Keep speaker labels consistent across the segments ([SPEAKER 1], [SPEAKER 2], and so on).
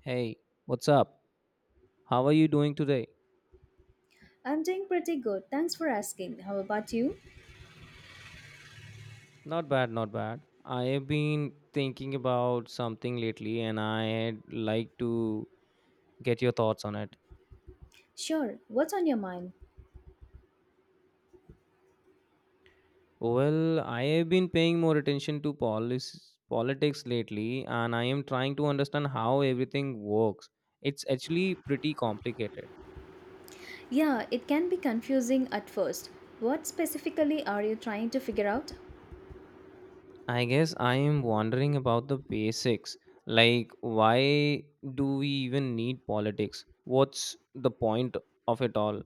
[SPEAKER 1] Hey, what's up? How are you doing today?
[SPEAKER 2] I'm doing pretty good. Thanks for asking. How about you?
[SPEAKER 1] Not bad, not bad. I have been thinking about something lately and I'd like to get your thoughts on it.
[SPEAKER 2] Sure. What's on your mind?
[SPEAKER 1] Well, I have been paying more attention to politics lately and I am trying to understand how everything works. It's actually pretty complicated.
[SPEAKER 2] Yeah, it can be confusing at first. What specifically are you trying to figure out?
[SPEAKER 1] I guess I am wondering about the basics. Like, why do we even need politics? What's the point of it all?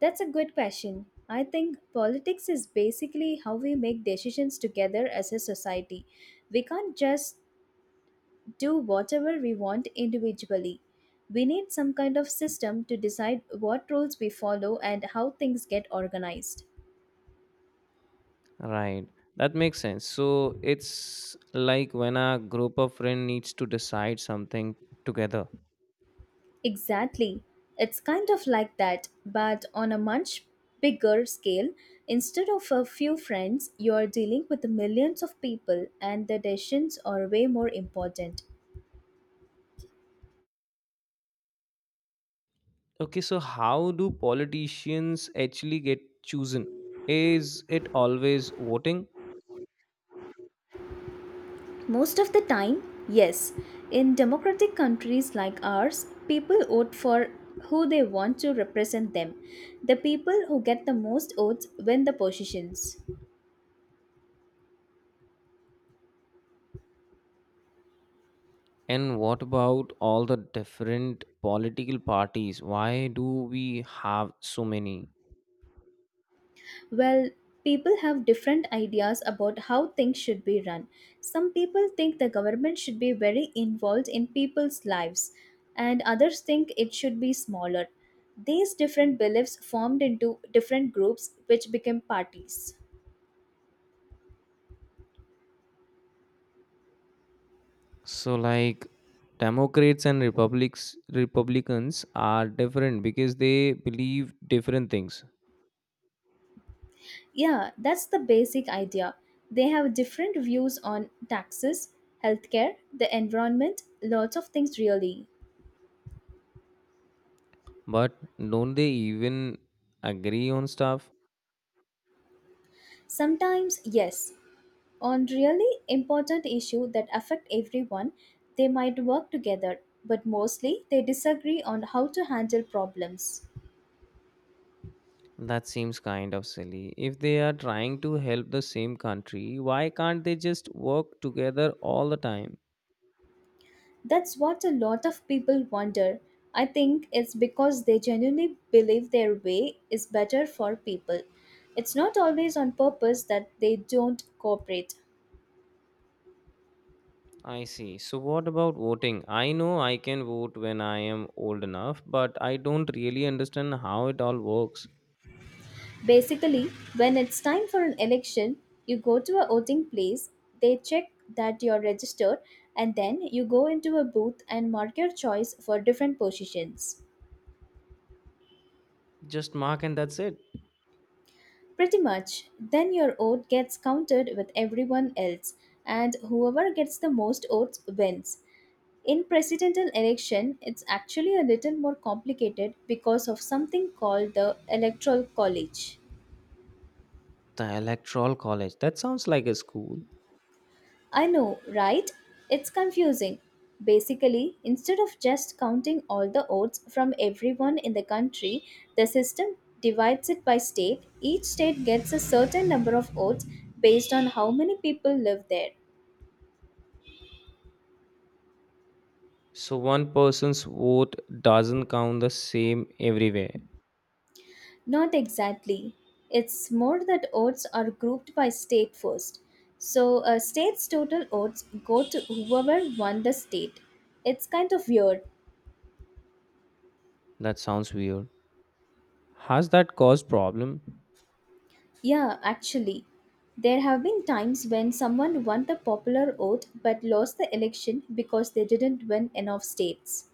[SPEAKER 2] That's a good question. I think politics is basically how we make decisions together as a society. We can't just do whatever we want individually. We need some kind of system to decide what rules we follow and how things get organized.
[SPEAKER 1] Right. That makes sense. So it's like when a group of friends needs to decide something together.
[SPEAKER 2] Exactly. It's kind of like that, but on a much bigger scale. Instead of a few friends, you are dealing with millions of people, and the decisions are way more important.
[SPEAKER 1] Okay, so how do politicians actually get chosen? Is it always voting?
[SPEAKER 2] Most of the time, yes. In democratic countries like ours, people vote for who they want to represent them. The people who get the most votes win the positions.
[SPEAKER 1] And what about all the different political parties? Why do we have so many?
[SPEAKER 2] Well, people have different ideas about how things should be run. Some people think the government should be very involved in people's lives, and others think it should be smaller. These different beliefs formed into different groups which became parties.
[SPEAKER 1] So like Democrats and Republics Republicans are different because they believe different things.
[SPEAKER 2] Yeah, that's the basic idea. They have different views on taxes, healthcare, the environment, lots of things really.
[SPEAKER 1] But don't they even agree on stuff?
[SPEAKER 2] Sometimes, yes, on really important issues that affect everyone, they might work together, but mostly they disagree on how to handle problems.
[SPEAKER 1] That seems kind of silly. If they are trying to help the same country, why can't they just work together all the time?
[SPEAKER 2] That's what a lot of people wonder. I think it's because they genuinely believe their way is better for people. It's not always on purpose that they don't cooperate.
[SPEAKER 1] I see. So, what about voting? I know I can vote when I am old enough, but I don't really understand how it all works.
[SPEAKER 2] Basically, when it's time for an election, you go to a voting place, they check that you're registered, and then you go into a booth and mark your choice for different positions.
[SPEAKER 1] Just mark and that's it.
[SPEAKER 2] Pretty much, then your vote gets counted with everyone else, and whoever gets the most votes wins. In presidential election, it's actually a little more complicated because of something called the electoral college.
[SPEAKER 1] The Electoral College. That sounds like a school.
[SPEAKER 2] I know, right? It's confusing. Basically, instead of just counting all the votes from everyone in the country, the system divides it by state. Each state gets a certain number of votes based on how many people live there.
[SPEAKER 1] So, one person's vote doesn't count the same everywhere.
[SPEAKER 2] Not exactly. It's more that votes are grouped by state first. So, a state's total votes go to whoever won the state. It's kind of weird.
[SPEAKER 1] That sounds weird. Has that caused problem?
[SPEAKER 2] Yeah, actually, there have been times when someone won the popular vote but lost the election because they didn't win enough states.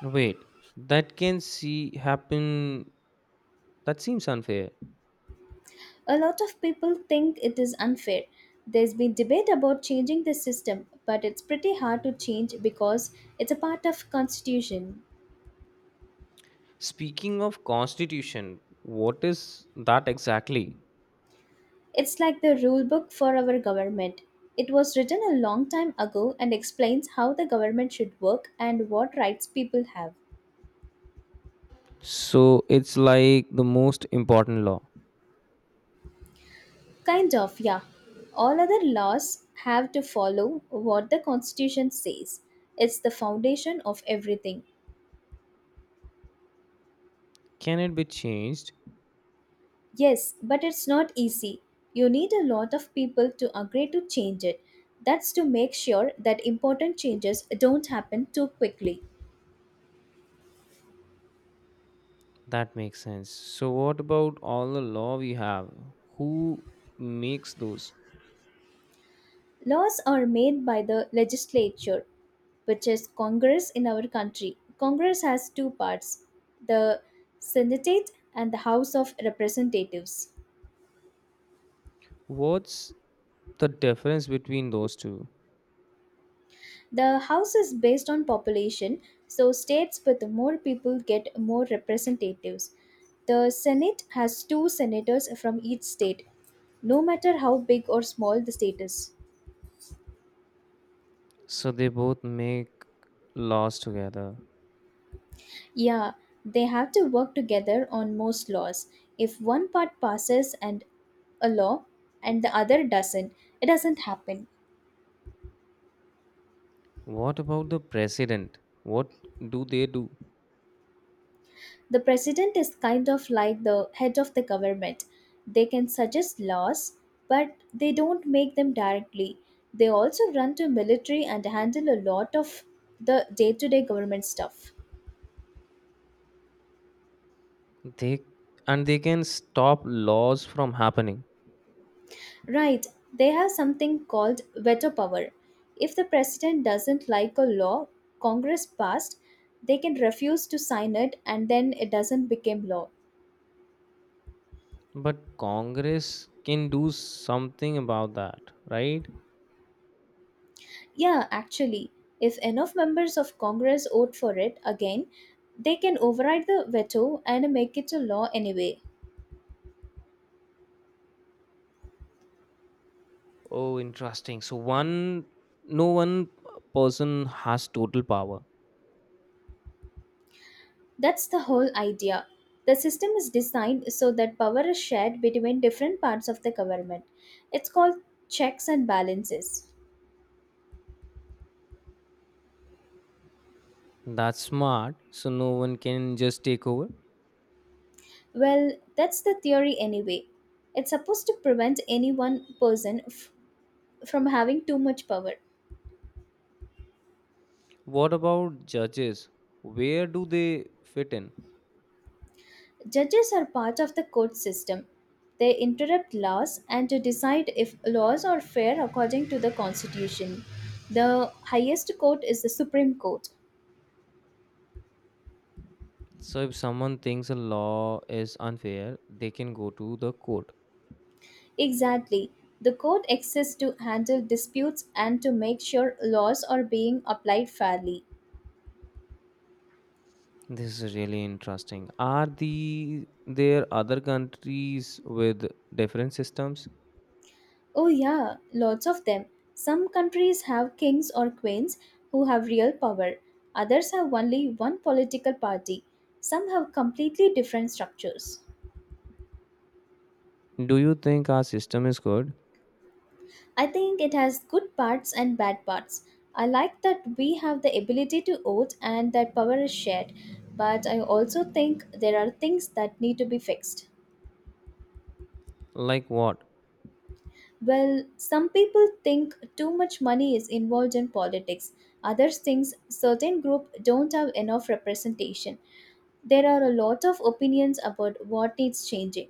[SPEAKER 1] Wait, that can see happen. That seems unfair.
[SPEAKER 2] A lot of people think it is unfair. There's been debate about changing the system, but it's pretty hard to change because it's a part of constitution.
[SPEAKER 1] Speaking of constitution, what is that exactly?
[SPEAKER 2] It's like the rule book for our government. It was written a long time ago and explains how the government should work and what rights people have.
[SPEAKER 1] So it's like the most important law.
[SPEAKER 2] Kind of, yeah. All other laws have to follow what the Constitution says. It's the foundation of everything.
[SPEAKER 1] Can it be changed?
[SPEAKER 2] Yes, but it's not easy. You need a lot of people to agree to change it. That's to make sure that important changes don't happen too quickly.
[SPEAKER 1] That makes sense. So what about all the law we have? Who makes those?
[SPEAKER 2] Laws are made by the legislature, which is Congress in our country. Congress has two parts, the Senate and the House of Representatives.
[SPEAKER 1] What's the difference between those two?
[SPEAKER 2] The house is based on population, so states with more people get more representatives. The Senate has two senators from each state, no matter how big or small the state is.
[SPEAKER 1] So they both make laws together.
[SPEAKER 2] Yeah, they have to work together on most laws. If one part passes and a law and the other doesn't, it doesn't happen.
[SPEAKER 1] What about the president? What do?
[SPEAKER 2] The president is kind of like the head of the government. They can suggest laws, but they don't make them directly. They also run to military and handle a lot of the day to day government stuff.
[SPEAKER 1] They and they can stop laws from happening.
[SPEAKER 2] Right, they have something called veto power. If the president doesn't like a law Congress passed, they can refuse to sign it and then it doesn't become law.
[SPEAKER 1] But Congress can do something about that, right?
[SPEAKER 2] Yeah, actually, if enough members of Congress vote for it again, they can override the veto and make it a law anyway.
[SPEAKER 1] Oh, interesting. So one no one person has total power.
[SPEAKER 2] That's the whole idea. The system is designed so that power is shared between different parts of the government. It's called checks and balances.
[SPEAKER 1] That's smart. So no one can just take over.
[SPEAKER 2] Well, that's the theory anyway. It's supposed to prevent any one from having too much power.
[SPEAKER 1] What about judges? Where do they fit in?
[SPEAKER 2] Judges are part of the court system. They interpret laws and to decide if laws are fair according to the constitution. The highest court is the Supreme Court.
[SPEAKER 1] So if someone thinks a law is unfair, they can go to the court.
[SPEAKER 2] Exactly. The court exists to handle disputes and to make sure laws are being applied fairly.
[SPEAKER 1] This is really interesting. Are there other countries with different systems?
[SPEAKER 2] Oh, yeah, lots of them. Some countries have kings or queens who have real power, others have only one political party, some have completely different structures.
[SPEAKER 1] Do you think our system is good?
[SPEAKER 2] I think it has good parts and bad parts. I like that we have the ability to vote and that power is shared, but I also think there are things that need to be fixed.
[SPEAKER 1] Like what?
[SPEAKER 2] Well, some people think too much money is involved in politics. Others think certain group don't have enough representation. There are a lot of opinions about what needs changing.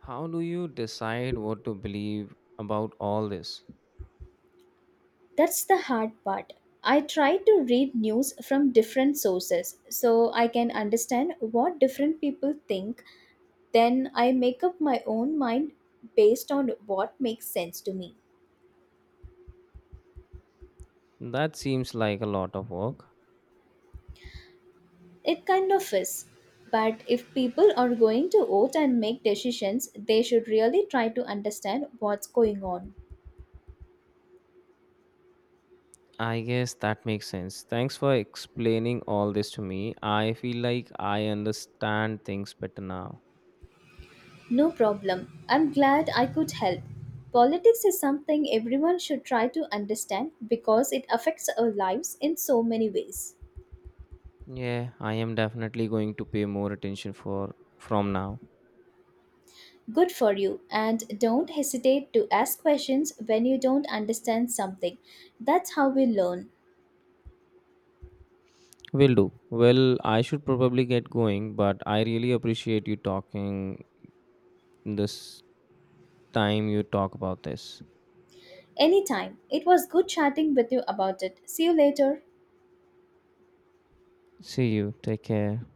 [SPEAKER 1] How do you decide what to believe about all this?
[SPEAKER 2] That's the hard part. I try to read news from different sources so I can understand what different people think. Then I make up my own mind based on what makes sense to me.
[SPEAKER 1] That seems like a lot of work.
[SPEAKER 2] It kind of is. But if people are going to vote and make decisions, they should really try to understand what's going on.
[SPEAKER 1] I guess that makes sense. Thanks for explaining all this to me. I feel like I understand things better now.
[SPEAKER 2] No problem. I'm glad I could help. Politics is something everyone should try to understand because it affects our lives in so many ways.
[SPEAKER 1] Yeah, I am definitely going to pay more attention for from now.
[SPEAKER 2] Good for you, and don't hesitate to ask questions when you don't understand something. That's how we learn.
[SPEAKER 1] Will do. Well, I should probably get going, but I really appreciate you talking this time you talk about this.
[SPEAKER 2] Anytime. It was good chatting with you about it. See you later.
[SPEAKER 1] See you. Take care.